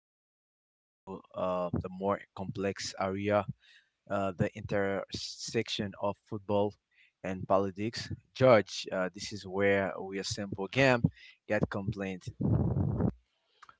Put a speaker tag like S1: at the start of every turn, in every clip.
S1: are moving into the more complex area, the intersection of football and politics. George, this is where we assemble game, get complaint.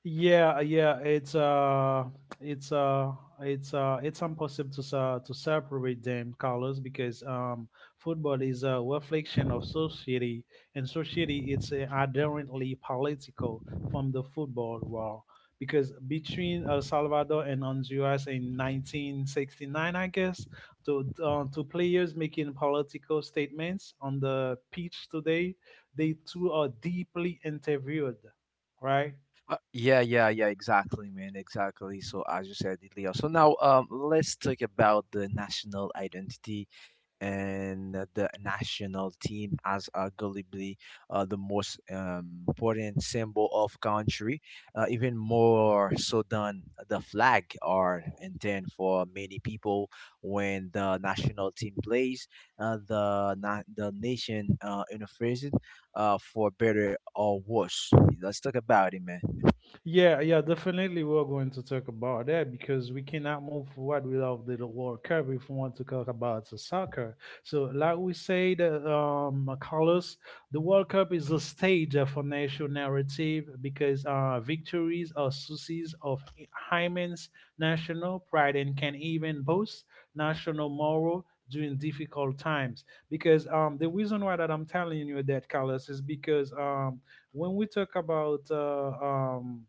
S2: Yeah, it's uh, it's impossible to separate them colors because football is a reflection of society, and society it's inherently political from the football world. Because between El Salvador and Honduras in 1969, I guess, to two players making political statements on the pitch today, they two are deeply interviewed, right?
S1: Yeah, yeah, yeah, exactly, man, exactly. So, as you said, it, Leo. So, now let's talk about the national identity and the national team as arguably the most important symbol of country, even more so than the flag are intended for many people. When the national team plays, the nation interferes for better or worse. Let's talk about it, man.
S2: Yeah, definitely we're going to talk about that because we cannot move forward without the World Cup if we want to talk about the soccer. So, like we said, Carlos, the World Cup is a stage for national narrative because victories are sources of immense national pride and can even boost national morale during difficult times. Because the reason why that I'm telling you that, Carlos, is because when we talk about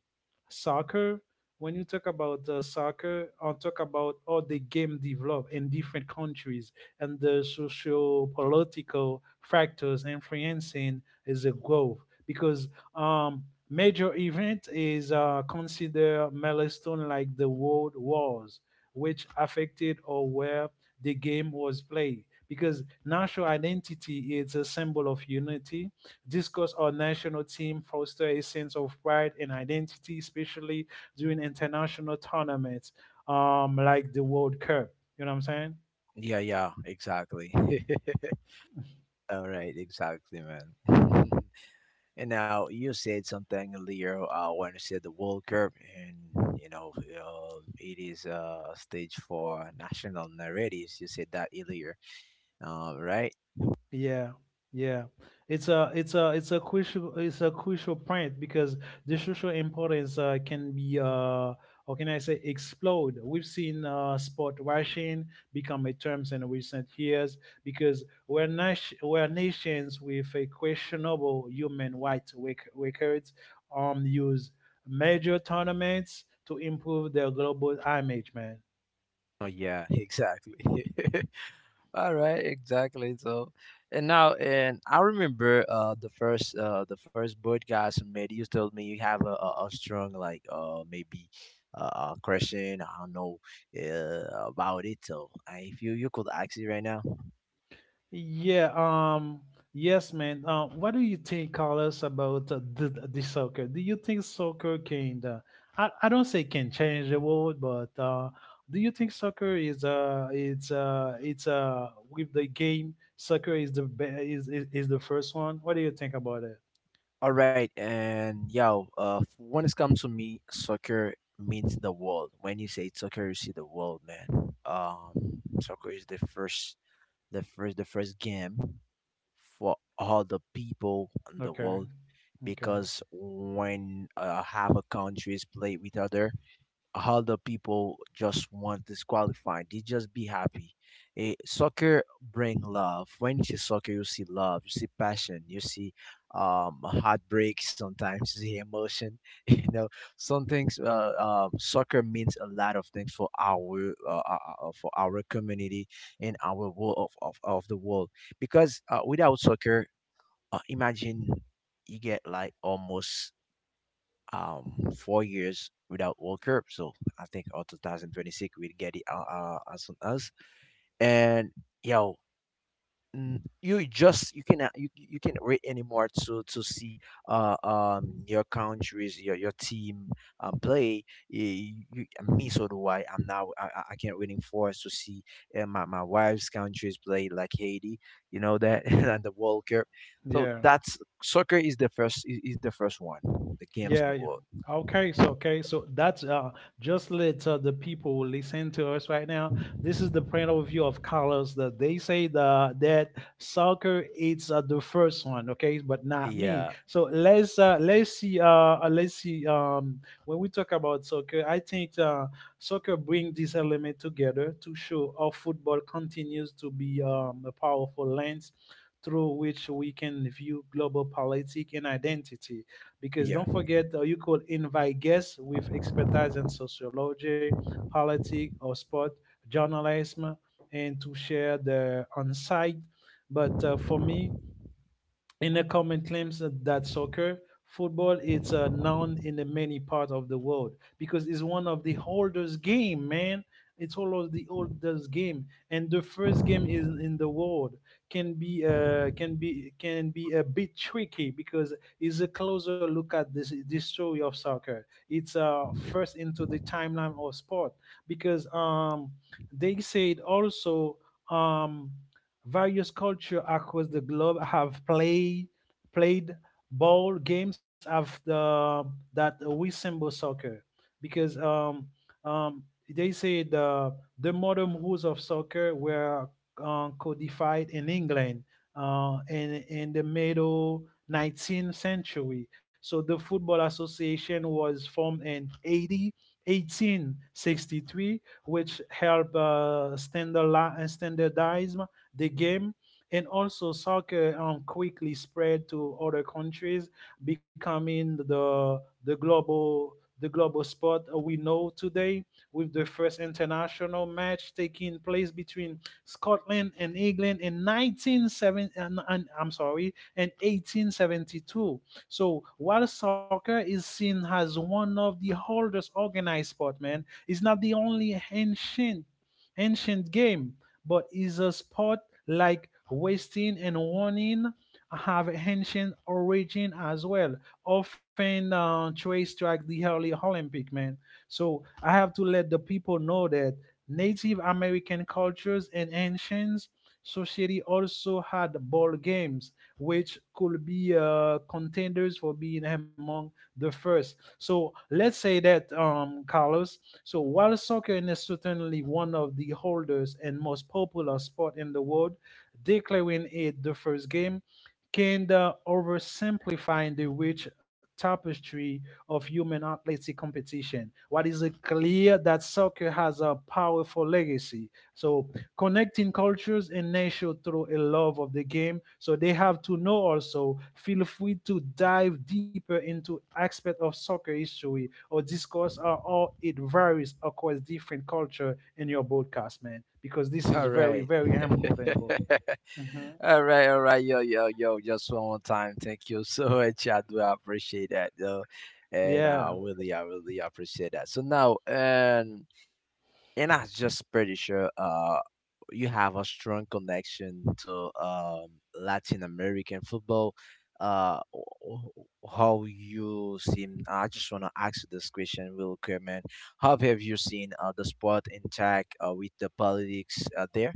S2: soccer, when you talk about soccer, I talk about how the game develop in different countries and the social political factors influencing is growth because um major event is considered milestone like the world wars which affected or where the game was played, because national identity is a symbol of unity, discuss our national team, foster a sense of pride and identity, especially during international tournaments, like the World Cup. You know what I'm saying?
S1: Yeah, yeah, exactly. All right, exactly, man. And now you said something earlier when you said the World Cup, and you know it is a stage for national narratives. You said that earlier, right?
S2: Yeah, yeah. It's a crucial point because the social importance can be or can I say explode. We've seen sport washing become a term in recent years because we nations with a questionable human rights rec- records use major tournaments to improve their global image, man.
S1: Oh yeah, exactly. All right, exactly. So, and now, and I remember the first podcast we made. You told me you have a strong like maybe question. I don't know about it. So, if you could ask it right now.
S2: Yeah, um, yes, man. What do you think, Carlos, about the soccer? Do you think soccer can, I don't say can change the world, but do you think soccer is it's with the game soccer is the be- is the first one? What do you think about it?
S1: All right, and yeah, when it comes to me, soccer means the world. When you say soccer, you see the world, man. Soccer is the the first game for all the people in the
S2: Okay,
S1: world,
S2: okay,
S1: because when half a countries play with other, how the people just want disqualified. They just be happy. Eh, soccer bring love. When you see soccer, you see love, you see passion, you see heartbreak. Sometimes you see emotion. You know, some things. Soccer means a lot of things for our community and our world of the world. Because without soccer, imagine you get like almost um 4 years without World Cup. So I think all 2026 we'll get it as soon as. And yo, you just you cannot wait anymore to see your countries your team play. You, me so do I. I'm now I can't waiting for us to see my my wife's countries play like Haiti, you know that. And the World Cup, so
S2: yeah.
S1: that's soccer is the is the first one the games in the
S2: Yeah, yeah.
S1: world.
S2: Okay, so that's just let the people who listen to us right now. This is the point of view of Carlos that they say the that soccer is the first one, okay, but not me.
S1: Yeah.
S2: So let's see when we talk about soccer, I think soccer bring this element together to show how football continues to be a powerful lens through which we can view global politics and identity, because
S1: Yeah.
S2: don't forget, you could invite guests with expertise in sociology, politics, or sport, journalism, and to share their insight. But for me, in a comment claims that soccer, football, it's known in the many parts of the world because it's one of the oldest game, man. It's one of the oldest game, and the first game is in the world can be can be a bit tricky because it's a closer look at this story of soccer. It's first into the timeline of sport because they said also. Um, Various cultures across the globe have played ball games after the that resemble soccer, because they say the modern rules of soccer were codified in England in the middle 19th century. So the Football Association was formed in 80 1863, which helped standardize the game. And also, soccer quickly spread to other countries, becoming the global the global sport we know today, with the first international match taking place between Scotland and England in 1970, I'm sorry, in 1872. So while soccer is seen as one of the oldest organized sport, man, it's not the only ancient game, but is a sport like wasting and warning have ancient origin as well, often traced to like the early Olympic man. So I have to let the people know that Native American cultures and ancients society also had ball games, which could be contenders for being among the first. So let's say that Carlos. So while soccer is certainly one of the holders and most popular sport in the world, declaring it the first game kind of oversimplifying the rich tapestry of human athletic competition. What is it clear that soccer has a powerful legacy. So connecting cultures and nations through a love of the game. So they have to know also. Feel free to dive deeper into aspect of soccer history or discuss how all it varies across different culture in your broadcast, man. Because this is
S1: All
S2: very
S1: right.
S2: very important, bro. Mhm.
S1: All right. All right. Yo, yo, yo. Just one more time. Thank you so much. I do appreciate that, though. And
S2: Yeah.
S1: I really appreciate that. So now, and I'm just pretty sure you have a strong connection to Latin American football. Uh, wh- how you seen? I just wanna ask you this question real quick, man. How have you seen the sport in with the politics there?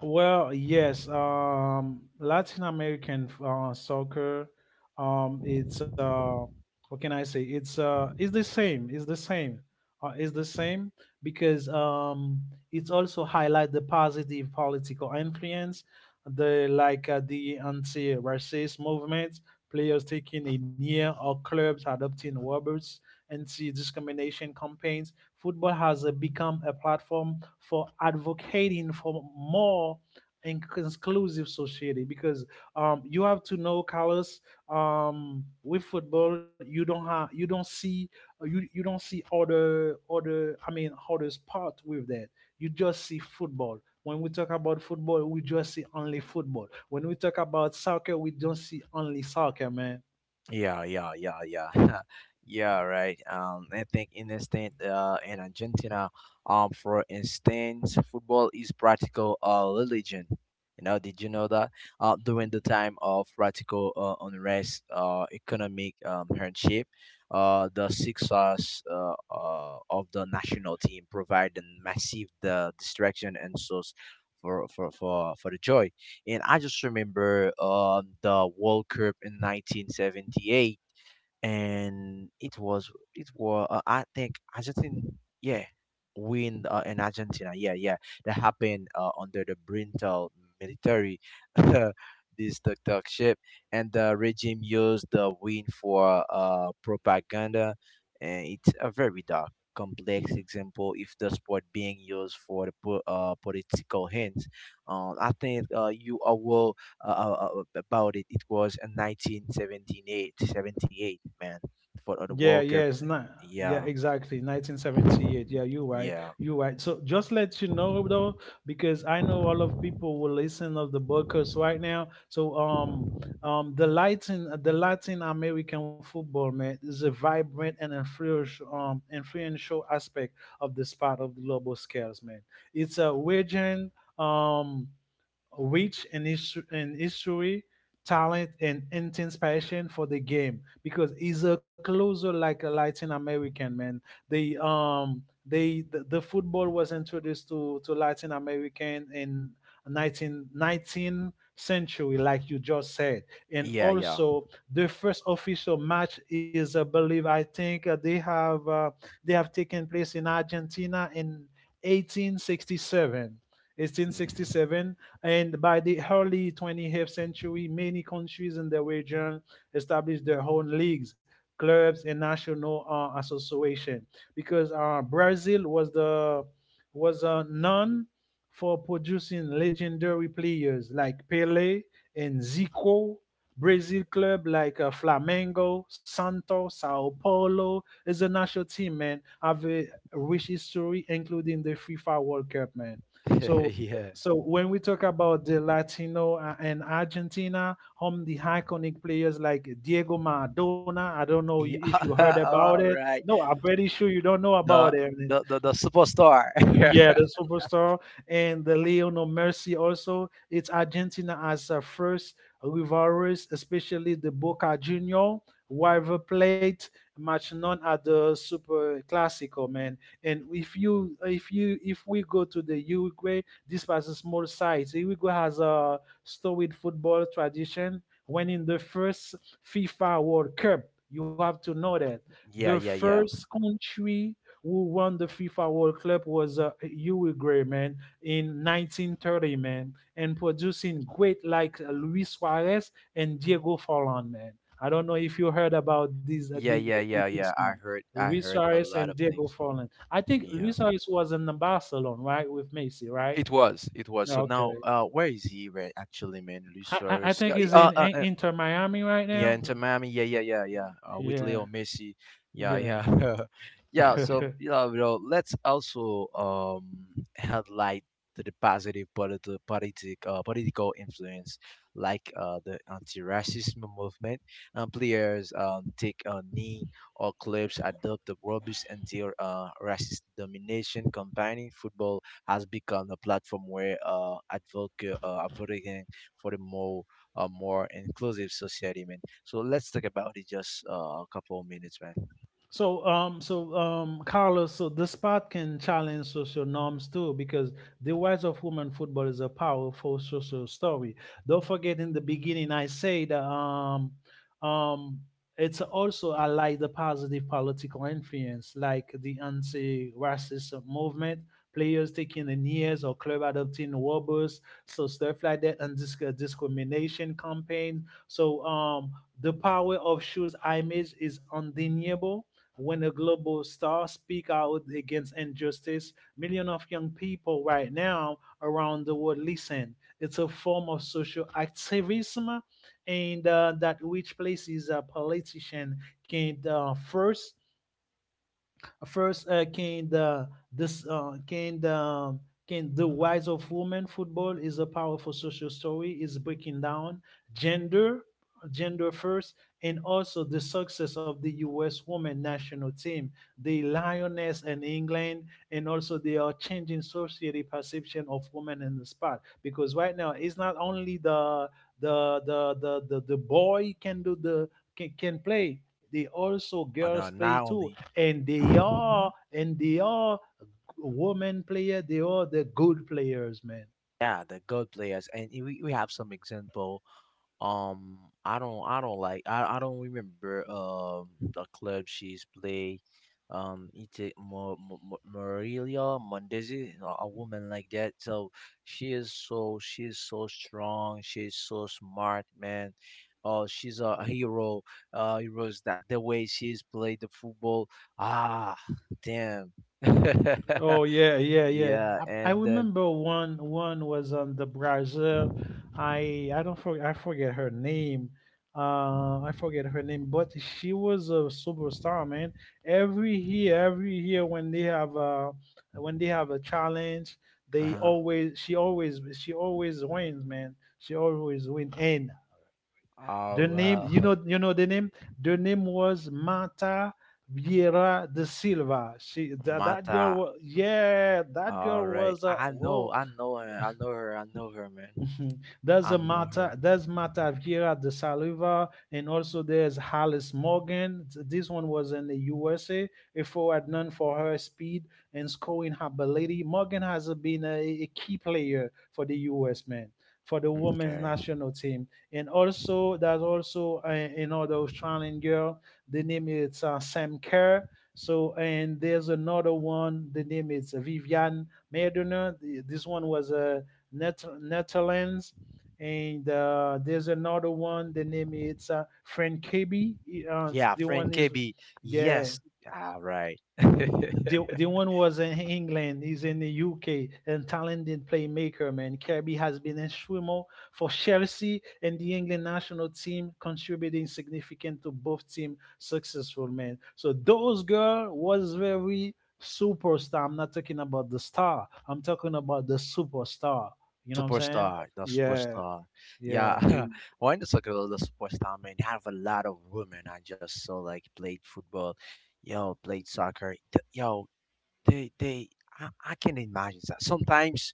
S2: Well, yes. Latin American soccer, it's what can I say? It's the same. It's the same. It's the same because it also highlight the positive political influence, the like the anti-racist movement, players taking a knee, or clubs adopting robots, anti-discrimination campaigns football has become a platform for advocating for more inclusive society because you have to know Carlos, with football you don't see you don't see other I mean other sport with that, you just see football. When we talk about football we just see only football. When we talk about soccer we don't see only soccer, man.
S1: Yeah, yeah, yeah, yeah, yeah. Right. I think in instant, in Argentina, for instance, football is practical religion. You know, did you know that? During the time of practical unrest, economic hardship, the success of the national team provided massive the distraction and source for the joy. And I just remember the World Cup in 1978, and it was I think Argentina, yeah, win in Argentina, yeah, yeah, that happened under the brutal military this dictatorship, and the regime used the win for propaganda, and it's a very dark complex example if the sport being used for the political hints. I think you are well about it. It was in 1978, seventy eight, man, for the
S2: Yeah,
S1: World Cup.
S2: yes, na
S1: Yeah,
S2: yeah, exactly. 1978. Yeah, you're right.
S1: yeah,
S2: You're right. So just let you know though, because I know all of people will listen of the Buckers right now. So the Latin American football man is a vibrant and influential influential aspect of the sport of the global scales, man. It's a region. Um Rich an issue an history talent and intense passion for the game, because he's a closer like a Latin American man. they um they the football was introduced to Latin American in 19 nineteenth century like you just said, and
S1: yeah, yeah.
S2: also the first official match is I believe I think they have taken place in Argentina in 1867
S1: Hmm.
S2: 1867, and by the early 20th century, many countries in the region established their own leagues, clubs, and national association because Brazil was the was known for producing legendary players like Pele and Zico. Brazil club like Flamengo, Santos, Sao Paulo is a national team, man. Have a rich history, including the FIFA World Cup, man. So
S1: Yeah.
S2: when we talk about the Latino and Argentina, home the iconic players like Diego Maradona, I don't know if you heard
S1: Yeah.
S2: about
S1: All
S2: it.
S1: right.
S2: No, I'm pretty sure you don't know about
S1: The
S2: it.
S1: the superstar.
S2: Yeah, the superstar and the Leon of Mercy also. It's Argentina as a first rivalries, especially the Boca Junior rival plate match known as the Super Classico, man. And if we go to the Uruguay, this was a small size. Uruguay has a storied football tradition. When in the first FIFA World Cup, you have to know that the
S1: Yeah, yeah, yeah.
S2: first country who won the FIFA World Cup was Uwe man, in 1930, man, and producing great like Luis Suarez and Diego Forlan, man. I don't know if you heard about
S1: Yeah, yeah, yeah,
S2: these
S1: yeah.
S2: men,
S1: I
S2: Luis
S1: heard a
S2: Suarez
S1: lot
S2: and
S1: of
S2: Diego
S1: things.
S2: Forlan. I think
S1: Yeah.
S2: Luis Suarez was in the Barcelona, right, with Messi, right?
S1: It was. It was. So now
S2: Okay,
S1: where is he right actually man? Luis
S2: I
S1: Suarez. Yeah,
S2: think Inter Miami right
S1: Yeah,
S2: now.
S1: Inter
S2: No.
S1: Miami. Yeah, yeah, yeah, yeah. With
S2: Yeah,
S1: Leo Messi. Yeah,
S2: yeah.
S1: yeah, yeah. So you know, let's also highlight to the positive politi- politic political influence, like the anti-racism movement. And players take a knee, or clubs adopt the rubbish anti-racist domination. Combining football has become a platform where advocate advocating for the more a more inclusive society, man. So let's talk about it just a couple of minutes, man.
S2: So, Carlos, so this part can challenge social norms too, because the rise of women football is a powerful social story. Don't forget, in the beginning, I said, um, it's also I like the positive political influence, like the anti-racist movement, players taking the knees, or club adopting robots, so stuff like that, and discrimination campaign. So, the power of shoes image is undeniable when a global star speak out against injustice, millions of young people right now around the world listen. It's a form of social activism, and that which places a politician can first First, can the this can the rise of women football is a powerful social story. Is breaking down gender, gender first, and also the success of the U.S. women national team, the Lioness in England, and also they are changing society perception of women in the sport, because right now it's not only the boy can do the can play. They also
S1: And
S2: girls play
S1: not
S2: too,
S1: only
S2: and they are women player. They are the good players, man.
S1: yeah, the good players, and we have some example. Um, I don't like, I don't remember the club she's play. Ite Morelia Mondesi, a woman like that. So she is so strong. She is so smart, man. Oh, she's a hero. Heroes that the way she's played the football. Ah, damn.
S2: Oh yeah, yeah, yeah.
S1: Yeah,
S2: I
S1: and then
S2: remember one was on the Brazil. I don't I forget her name. I forget her name, but she was a superstar, man. Every year when they have a when they have a challenge, they
S1: uh-huh.
S2: always she always she always wins, man. She always win. And the
S1: Oh
S2: name,
S1: well,
S2: you know the name. The name was Marta Vieira de Silva. She that
S1: Mata.
S2: girl was that
S1: All
S2: girl
S1: right.
S2: was a
S1: I know,
S2: whoa.
S1: I know her, man.
S2: Mhm. There's
S1: I
S2: a
S1: know her.
S2: Marta, there's Marta Vieira de Saliva, and also there's Alice Morgan. This one was in the USA. A forward known for her speed and scoring ability. Morgan has been a key player for the US men, for the women's
S1: Okay.
S2: national team, and also there's also another Australian girl. The name is Sam Kerr. So and there's another one. The name is Vivian Medina. This one was a Netherlands, and there's another one. The name it's Frank KB. Uh,
S1: Yeah,
S2: the
S1: friend
S2: one is
S1: KB.
S2: yeah,
S1: Yes. All right.
S2: the one was in England. He's in the UK and talented playmaker, man. Kirby has been a swimmer for Chelsea and the England national team, contributing significant to both team successful, man. So those girl was very superstar. I'm not talking about the star. I'm talking about the superstar. You know what I'm saying?
S1: Superstar, the
S2: Yeah,
S1: superstar.
S2: yeah.
S1: Yeah. Mm. Why not talk about the superstar, man? You have a lot of women I just saw like played football, yo, played soccer. Yo, they I can imagine that. Sometimes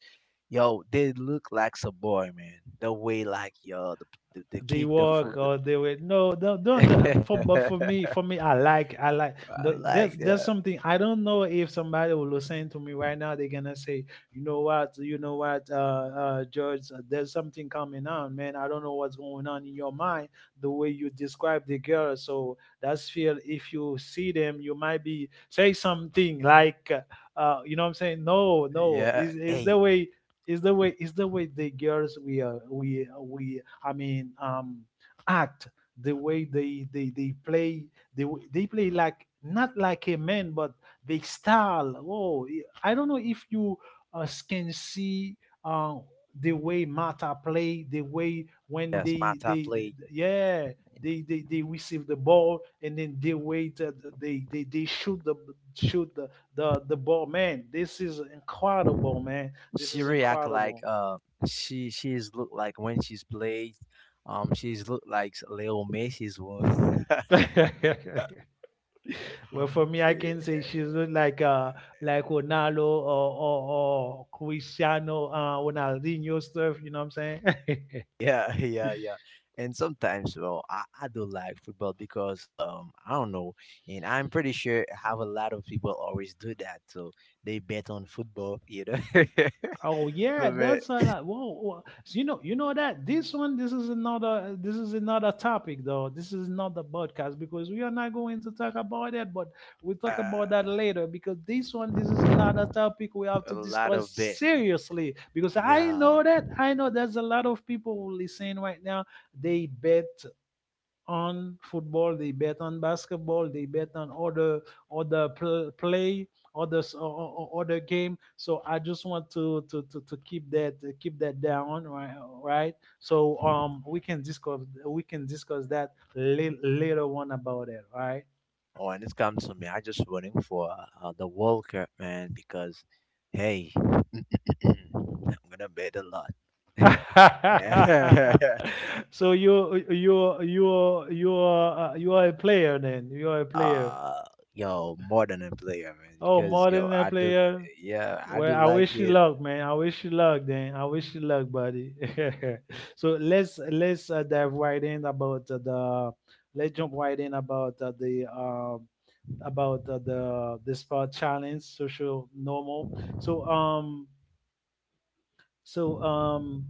S1: yo, they look like a boy, man. The way like yo, the
S2: They
S1: kick, the foot.
S2: work or they were no no don't do-
S1: I
S2: for me I like there's
S1: like
S2: there's
S1: that.
S2: something. I don't know if somebody will listen to me right now, they're gonna say, you know what, George, there's something coming on, man. I don't know what's going on in your mind, the way you describe the girl. So that's feel, if you see them, you might be say something like you know what I'm saying? No,
S1: Yeah.
S2: is the
S1: Hey.
S2: way it's the way the girls we I mean, um, act. The way they play, they they play like not like a man but they style. Whoa! I don't know if you can see uh, the way Mata play, the way when
S1: Yes, Mata
S2: they
S1: played.
S2: they receive the ball and then they wait that they shoot shoot the, the ball, man. This is incredible, man. This
S1: She
S2: is
S1: react like
S2: incredible.
S1: she she's look like when she's played, she's look like Leo Messi's was.
S2: Well, for me, I can say she look like Ronaldo or Cristiano, Ronaldinho stuff. You know what I'm saying?
S1: Yeah, yeah, yeah. And sometimes, well, I do like football because I don't know, and I'm pretty sure have a lot of people always do that. So they bet on football, you know.
S2: Oh yeah,
S1: So bet
S2: that's a lot. Whoa, whoa. So you know, that this one, this is another topic though. This is not the podcast because we are not going to talk about it. But we'll talk about
S1: uh,
S2: that later because this one, this is another topic we have
S1: a
S2: to
S1: lot
S2: discuss
S1: of bet,
S2: seriously, because I
S1: yeah.
S2: know that, I know there's a lot of people who listen right now. They bet on football, they bet on basketball, they bet on other play, other s- o- o- o- other game. So I just want to keep that, keep that down, right? Right. So we can discuss that later on about it, right?
S1: Oh, and it comes to me. I just running for the World Cup, man, because hey, I'm gonna bet a lot. Yeah.
S2: So you are you are a player, then. You are a player.
S1: Uh, yo, more than a player, man.
S2: Oh,
S1: Because
S2: more
S1: yo,
S2: than a
S1: I do,
S2: player.
S1: yeah, I
S2: Well,
S1: do
S2: I
S1: like
S2: wish you
S1: it.
S2: luck, man. I wish you luck, then. I wish you luck, buddy. So let's dive right in about the let's jump right in about the about the spot challenge social normal. So um so um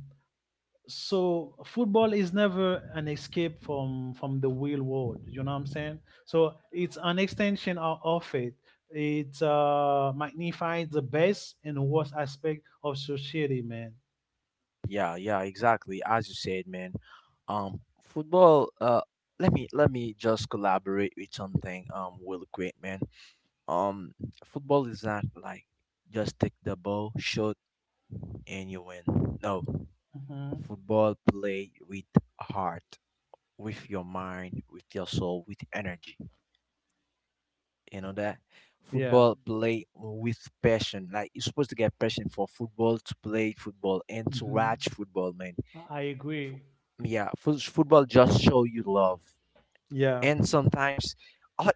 S2: so football is never an escape from the real world, you know what I'm saying? So it's an extension of it. It magnifies the best and worst aspect of society, man.
S1: Yeah, yeah, exactly. As you said, man. Football. Let me just collaborate with something. Real quick, man. Um, football is not like just take the ball, shoot, and you win. No,
S2: Hmm.
S1: football play with heart, with your mind, with your soul, with energy. You know that
S2: Yeah.
S1: football play with passion. Like you're supposed to get passion for football, to play football and to
S2: Hmm.
S1: watch football, man.
S2: I
S1: Fo-
S2: agree.
S1: yeah, football just show you love.
S2: Yeah,
S1: And sometimes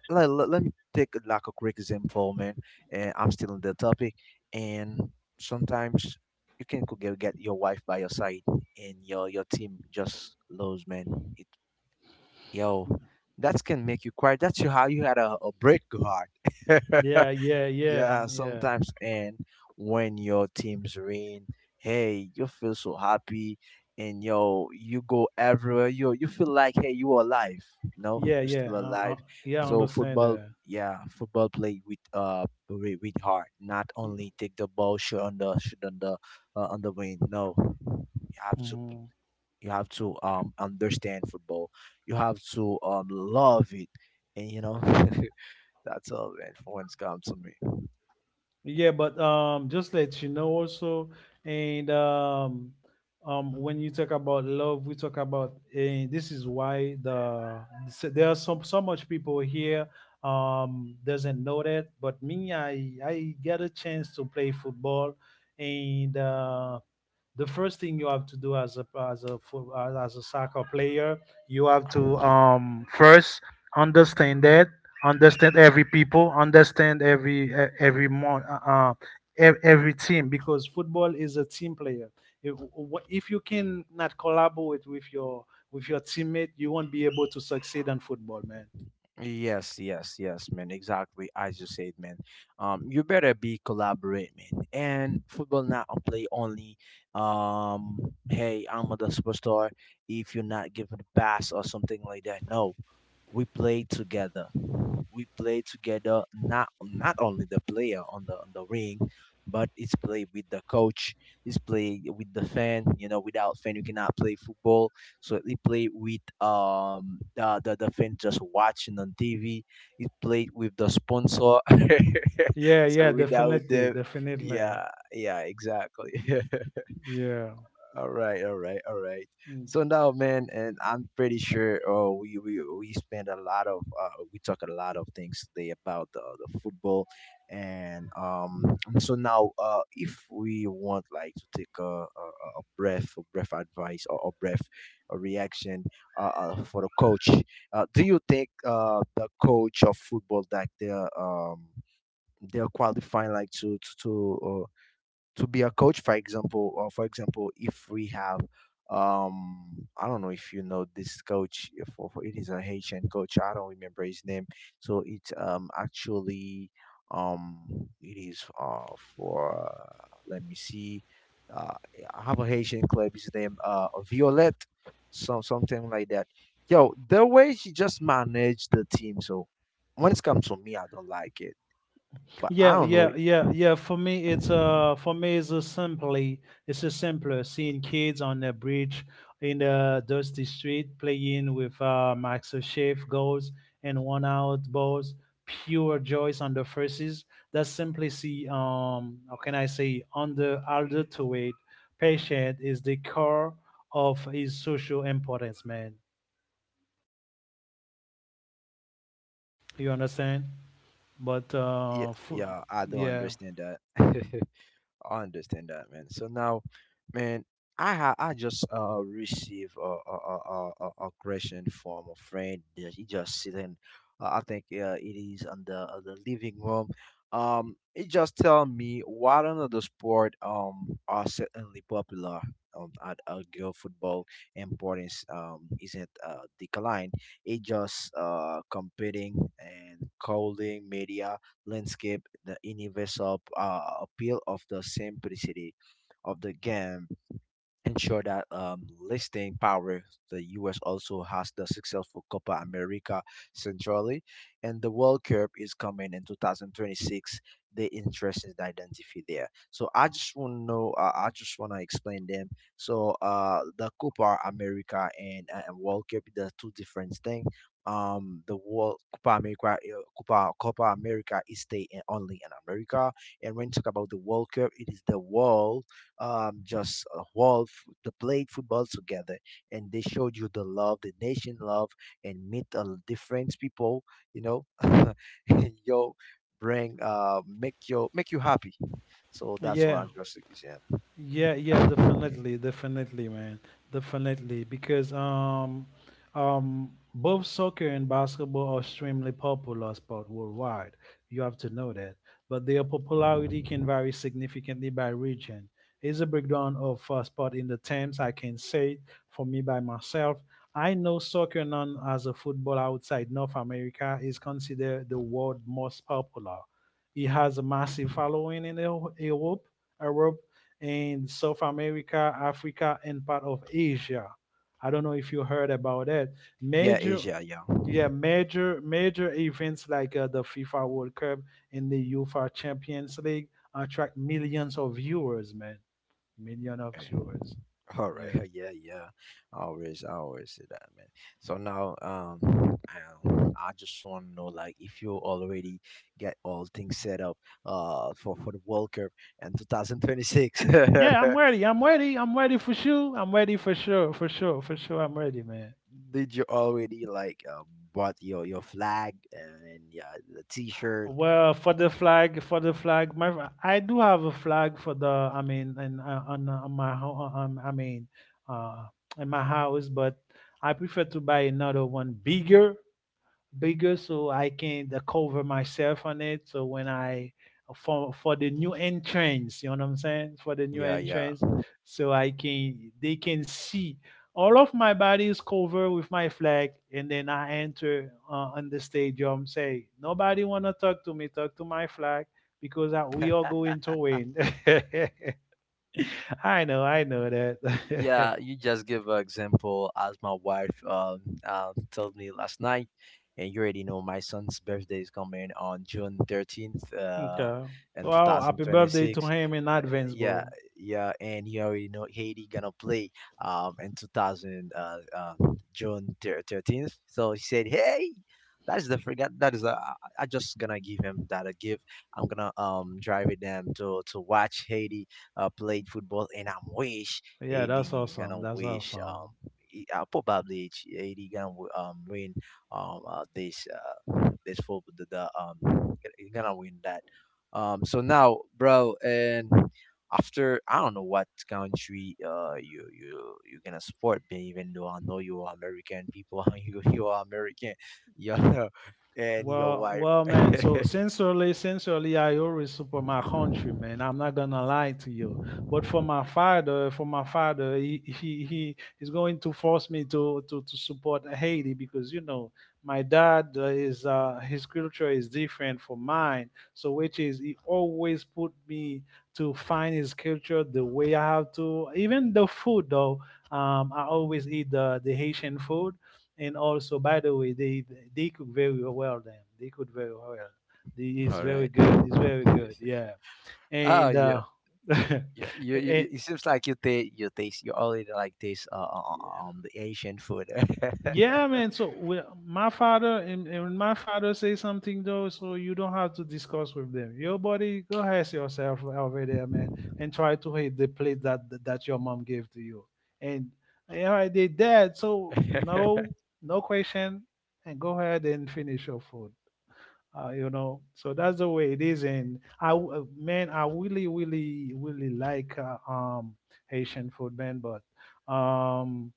S1: let me take like a quick example, man, and I'm still on the topic. And sometimes you can go get your wife by your side and your team just lose, man. It, yo, that can make you cry. That's your, how you had a break your heart.
S2: yeah, yeah, yeah.
S1: Yeah,
S2: Yeah,
S1: sometimes. And when your teams win, hey, you feel so happy, and yo, you go everywhere. Yo, you feel like hey, you are alive, you know,
S2: yeah,
S1: you're
S2: yeah.
S1: still alive.
S2: Yeah, I
S1: So
S2: understand
S1: football,
S2: that.
S1: yeah, football play with heart, not
S2: Yeah.
S1: only take the ball shoot on the on the wing. No. You have to
S2: Mhm.
S1: understand football. You have to love it. And you know, that's all man for when's come to me.
S2: Yeah, but just let you know also, and when you talk about love, we talk about, and this is why there are some, so much people here doesn't know that, but me, I get a chance to play football, and the first thing you have to do as as a soccer player, you have to first understand that, understand every people, understand every e- every mon- ev- every team, because football is a team player. If you can not collaborate with your teammate, you won't be able to succeed in football, man.
S1: Yes, yes, yes, man. Exactly as you said, man. You better be collaborate, man. And football not on play only. Um, hey, I'm the superstar. If you're not giving a pass or something like that, no, we play together. We play together. Not only the player on the ring, but it's play with the coach. It's play with the fan. You know, without fan, you cannot play football. So it played with the fan just watching on TV. It played with the sponsor.
S2: Yeah,
S1: So
S2: yeah,
S1: without
S2: definitely,
S1: the
S2: definitely.
S1: yeah yeah exactly.
S2: Yeah.
S1: All right, all right, all right.
S2: Mm.
S1: So now, man, and I'm pretty sure oh, we spend a lot of we talk a lot of things today about the football, and. So now, if we want like to take a breath advice, or a breath, a reaction, for the coach, do you think the coach of football that they're qualifying like to be a coach, for example? Or for example, if we have I don't know if you know this coach, for it is a Haitian coach, I don't remember his name. So it's actually um it is for let me see, uh I have a Haitian club, his name Violet, some something like that. Yo, the way she just managed the team, so when it comes to me, I don't like it, but I
S2: Yeah,
S1: don't
S2: yeah, yeah, yeah.
S1: know.
S2: For me, it's a simply, it's a simpler seeing kids on the bridge in the dusty street playing with Max O'Sheaf goals and one out balls, pure joys on the faces. That simplicity, how can I say, under Alder to it, patient is the core of his social importance, man. You understand? But
S1: Yeah, yeah, I do not
S2: yeah,
S1: understand that. I understand that, man. So now, man, I just received a question from a friend that he just sitting. I think it is on the living room. He just tell me what another sport are certainly popular. At girl football, importance isn't declined. It just competing and calling media landscape, the universal appeal of the simplicity of the game ensure that listing power. The US also has the successful Copa America centrally, and the World Cup is coming in 2026. The interest is identity there, so I just want to know, I just want to explain them. So the Copa America and World Cup, the two different things. The world Copa America, Copa America is stay in, only in America, and when you talk about the World Cup, it is the world. Just a to play football together, and they showed you the love, the nation love, and meet a different people. You know, and yo, bring make you happy. So that's
S2: yeah.
S1: one drastic example.
S2: Yeah, yeah, definitely, definitely, man, definitely. Because both soccer and basketball are extremely popular sport worldwide. You have to know that. But their popularity can vary significantly by region. Here's a breakdown of sport in the terms I can say for me by myself. I know soccer, known as a football outside North America, is considered the world most popular. It has a massive following in Europe. Europe, in South America, Africa, and part of Asia. I don't know if you heard about that.
S1: Yeah,
S2: Major,
S1: Asia, yeah.
S2: yeah, major events like the FIFA World Cup and the UEFA Champions League attract millions of viewers, man. Million of
S1: Okay.
S2: viewers.
S1: All right.
S2: Yeah.
S1: Yeah, yeah. Always, I always say that, man. So now, I just want to know, like, if you already get all things set up, for the World Cup and 2026,
S2: Yeah, I'm ready. I'm ready. I'm ready for sure. I'm ready for sure. For sure. For sure. I'm ready, man.
S1: did you already like bought your flag and, yeah, the T-shirt?
S2: Well, for the flag, my I do have a flag for the. I mean, and on my I mean, uh, in my house, but I prefer to buy another one bigger so I can cover myself on it. So when I, for the new entrance, you know what I'm saying? For the new
S1: Yeah, yeah.
S2: entrance, so I can, they can see all of my body is covered with my flag, and then I enter on the stadium. Say nobody wanna talk to me. Talk to my flag, because I, we are going to win. I know that.
S1: Yeah, you just give an example as my wife told me last night, and you already know my son's birthday is coming on June 13th,
S2: Okay.
S1: in
S2: Wow, happy birthday to
S1: 2026.
S2: him in advance,
S1: Yeah,
S2: bro.
S1: yeah, and you already know Haiti gonna play in 2000 June 13th. So he said, "Hey, that's the forget that is a, I just gonna give him that a gift. I'm gonna drive with them to watch Haiti play football, and I'm wish
S2: Yeah, that's
S1: Haiti
S2: awesome.
S1: gonna
S2: That's
S1: wish
S2: awesome.
S1: probably Haiti gonna win this this football, the gonna win that." So now, bro, and after I don't know what country you're gonna support me, even though I know you are American people. You are American, yeah. And your
S2: Well,
S1: wife.
S2: well,
S1: All
S2: man. So sincerely, sincerely, I always support my country, man. I'm not gonna lie to you. But for my father, he is going to force me to support Haiti, because you know my dad is his culture is different from mine. So which is he always put me to find his culture the way I have to. Even the food though, I always eat the Haitian food, and also by the way they cook very well, then they cook very well. They is very
S1: right.
S2: good, it's very good, yeah.
S1: Oh
S2: And
S1: yeah. Yeah,
S2: and
S1: it seems like you already like taste the Asian food.
S2: yeah, man. So we, my father and when my father say something though, so you don't have to discuss with them. Your body go ask yourself over there, man, and try to hit the plate that your mom gave to you. And yeah, I did that. So no, no question, and go ahead and finish your food. You know, so that's the way it is. And man, I really really really like Haitian food, man, but um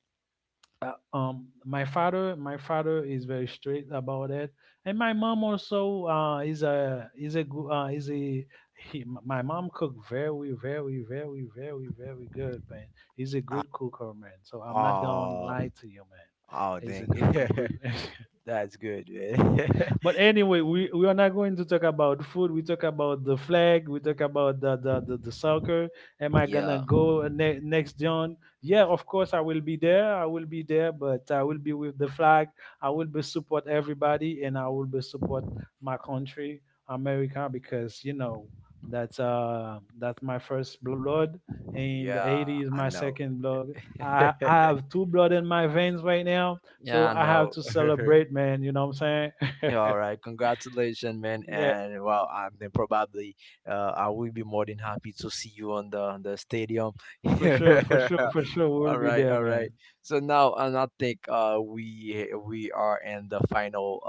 S2: my father is very strict about it. And my mom also is a is a my mom cook very very very very very good, man. He's a
S1: Ah,
S2: good cooker, man, so I'm not gonna
S1: oh,
S2: lie to you, man.
S1: oh
S2: He's a
S1: dang.
S2: good cooker.
S1: That's good, man.
S2: But anyway, we are not going to talk about food. We talk about the flag. We talk about the soccer. Am I gonna
S1: Yeah,
S2: go next John? Yeah, of course I will be there. I will be there, but I will be with the flag. I will be support everybody, and I will be support my country, America, because you know that's my first blood, and the
S1: yeah,
S2: 80 is
S1: I
S2: my
S1: know.
S2: second blood. I have two blood in my veins right now, so
S1: Yeah,
S2: I have
S1: no.
S2: to celebrate, man. You know what I'm
S1: Yeah, all
S2: saying?
S1: right. Congratulations, man.
S2: Yeah,
S1: And well, I mean, probably I will be more than happy to see you on the stadium.
S2: for sure, for sure, for sure. We'll
S1: All
S2: be
S1: right,
S2: there,
S1: all right.
S2: man.
S1: So now, and I think we are in the final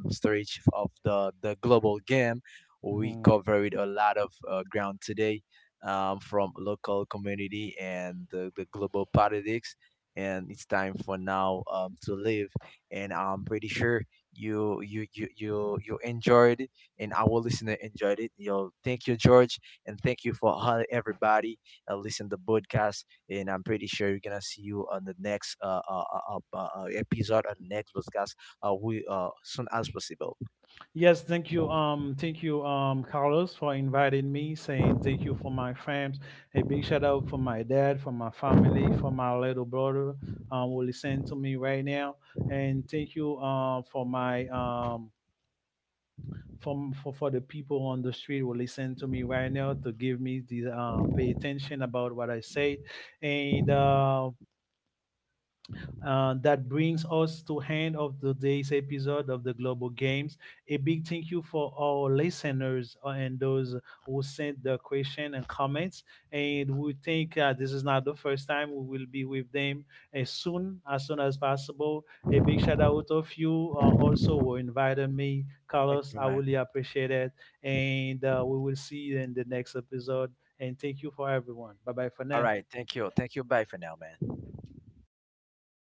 S1: stage of the global game. We
S2: Mhm.
S1: covered a lot of ground today, from local community and the global politics. And it's time for now, to live. And I'm pretty sure you enjoyed it, and our listener enjoyed it. Yo, thank you, George, and thank you for all everybody listen to the podcast, and I'm pretty sure we are gonna see you on the next episode on the next podcast, we soon as possible.
S2: Yes, thank you. Thank you, Carlos, for inviting me. Saying thank you for my fams. A big shout out for my dad, for my family, for my little brother. Who listen to me right now, and thank you, for my. For the people on the street who listen to me right now, to give me the pay attention about what I said, and that brings us to end of today's episode of the Global Games. A big thank you for our listeners and those who sent the question and comments. And we think this is not the first time we will be with them as soon as possible. A big shout out of you also who invited me,
S1: Thank
S2: Carlos.
S1: you,
S2: I
S1: man.
S2: really appreciate it, and we will see you in the next episode. And thank you for everyone. Bye bye for
S1: All
S2: now.
S1: right, thank you, thank you, bye for now, man.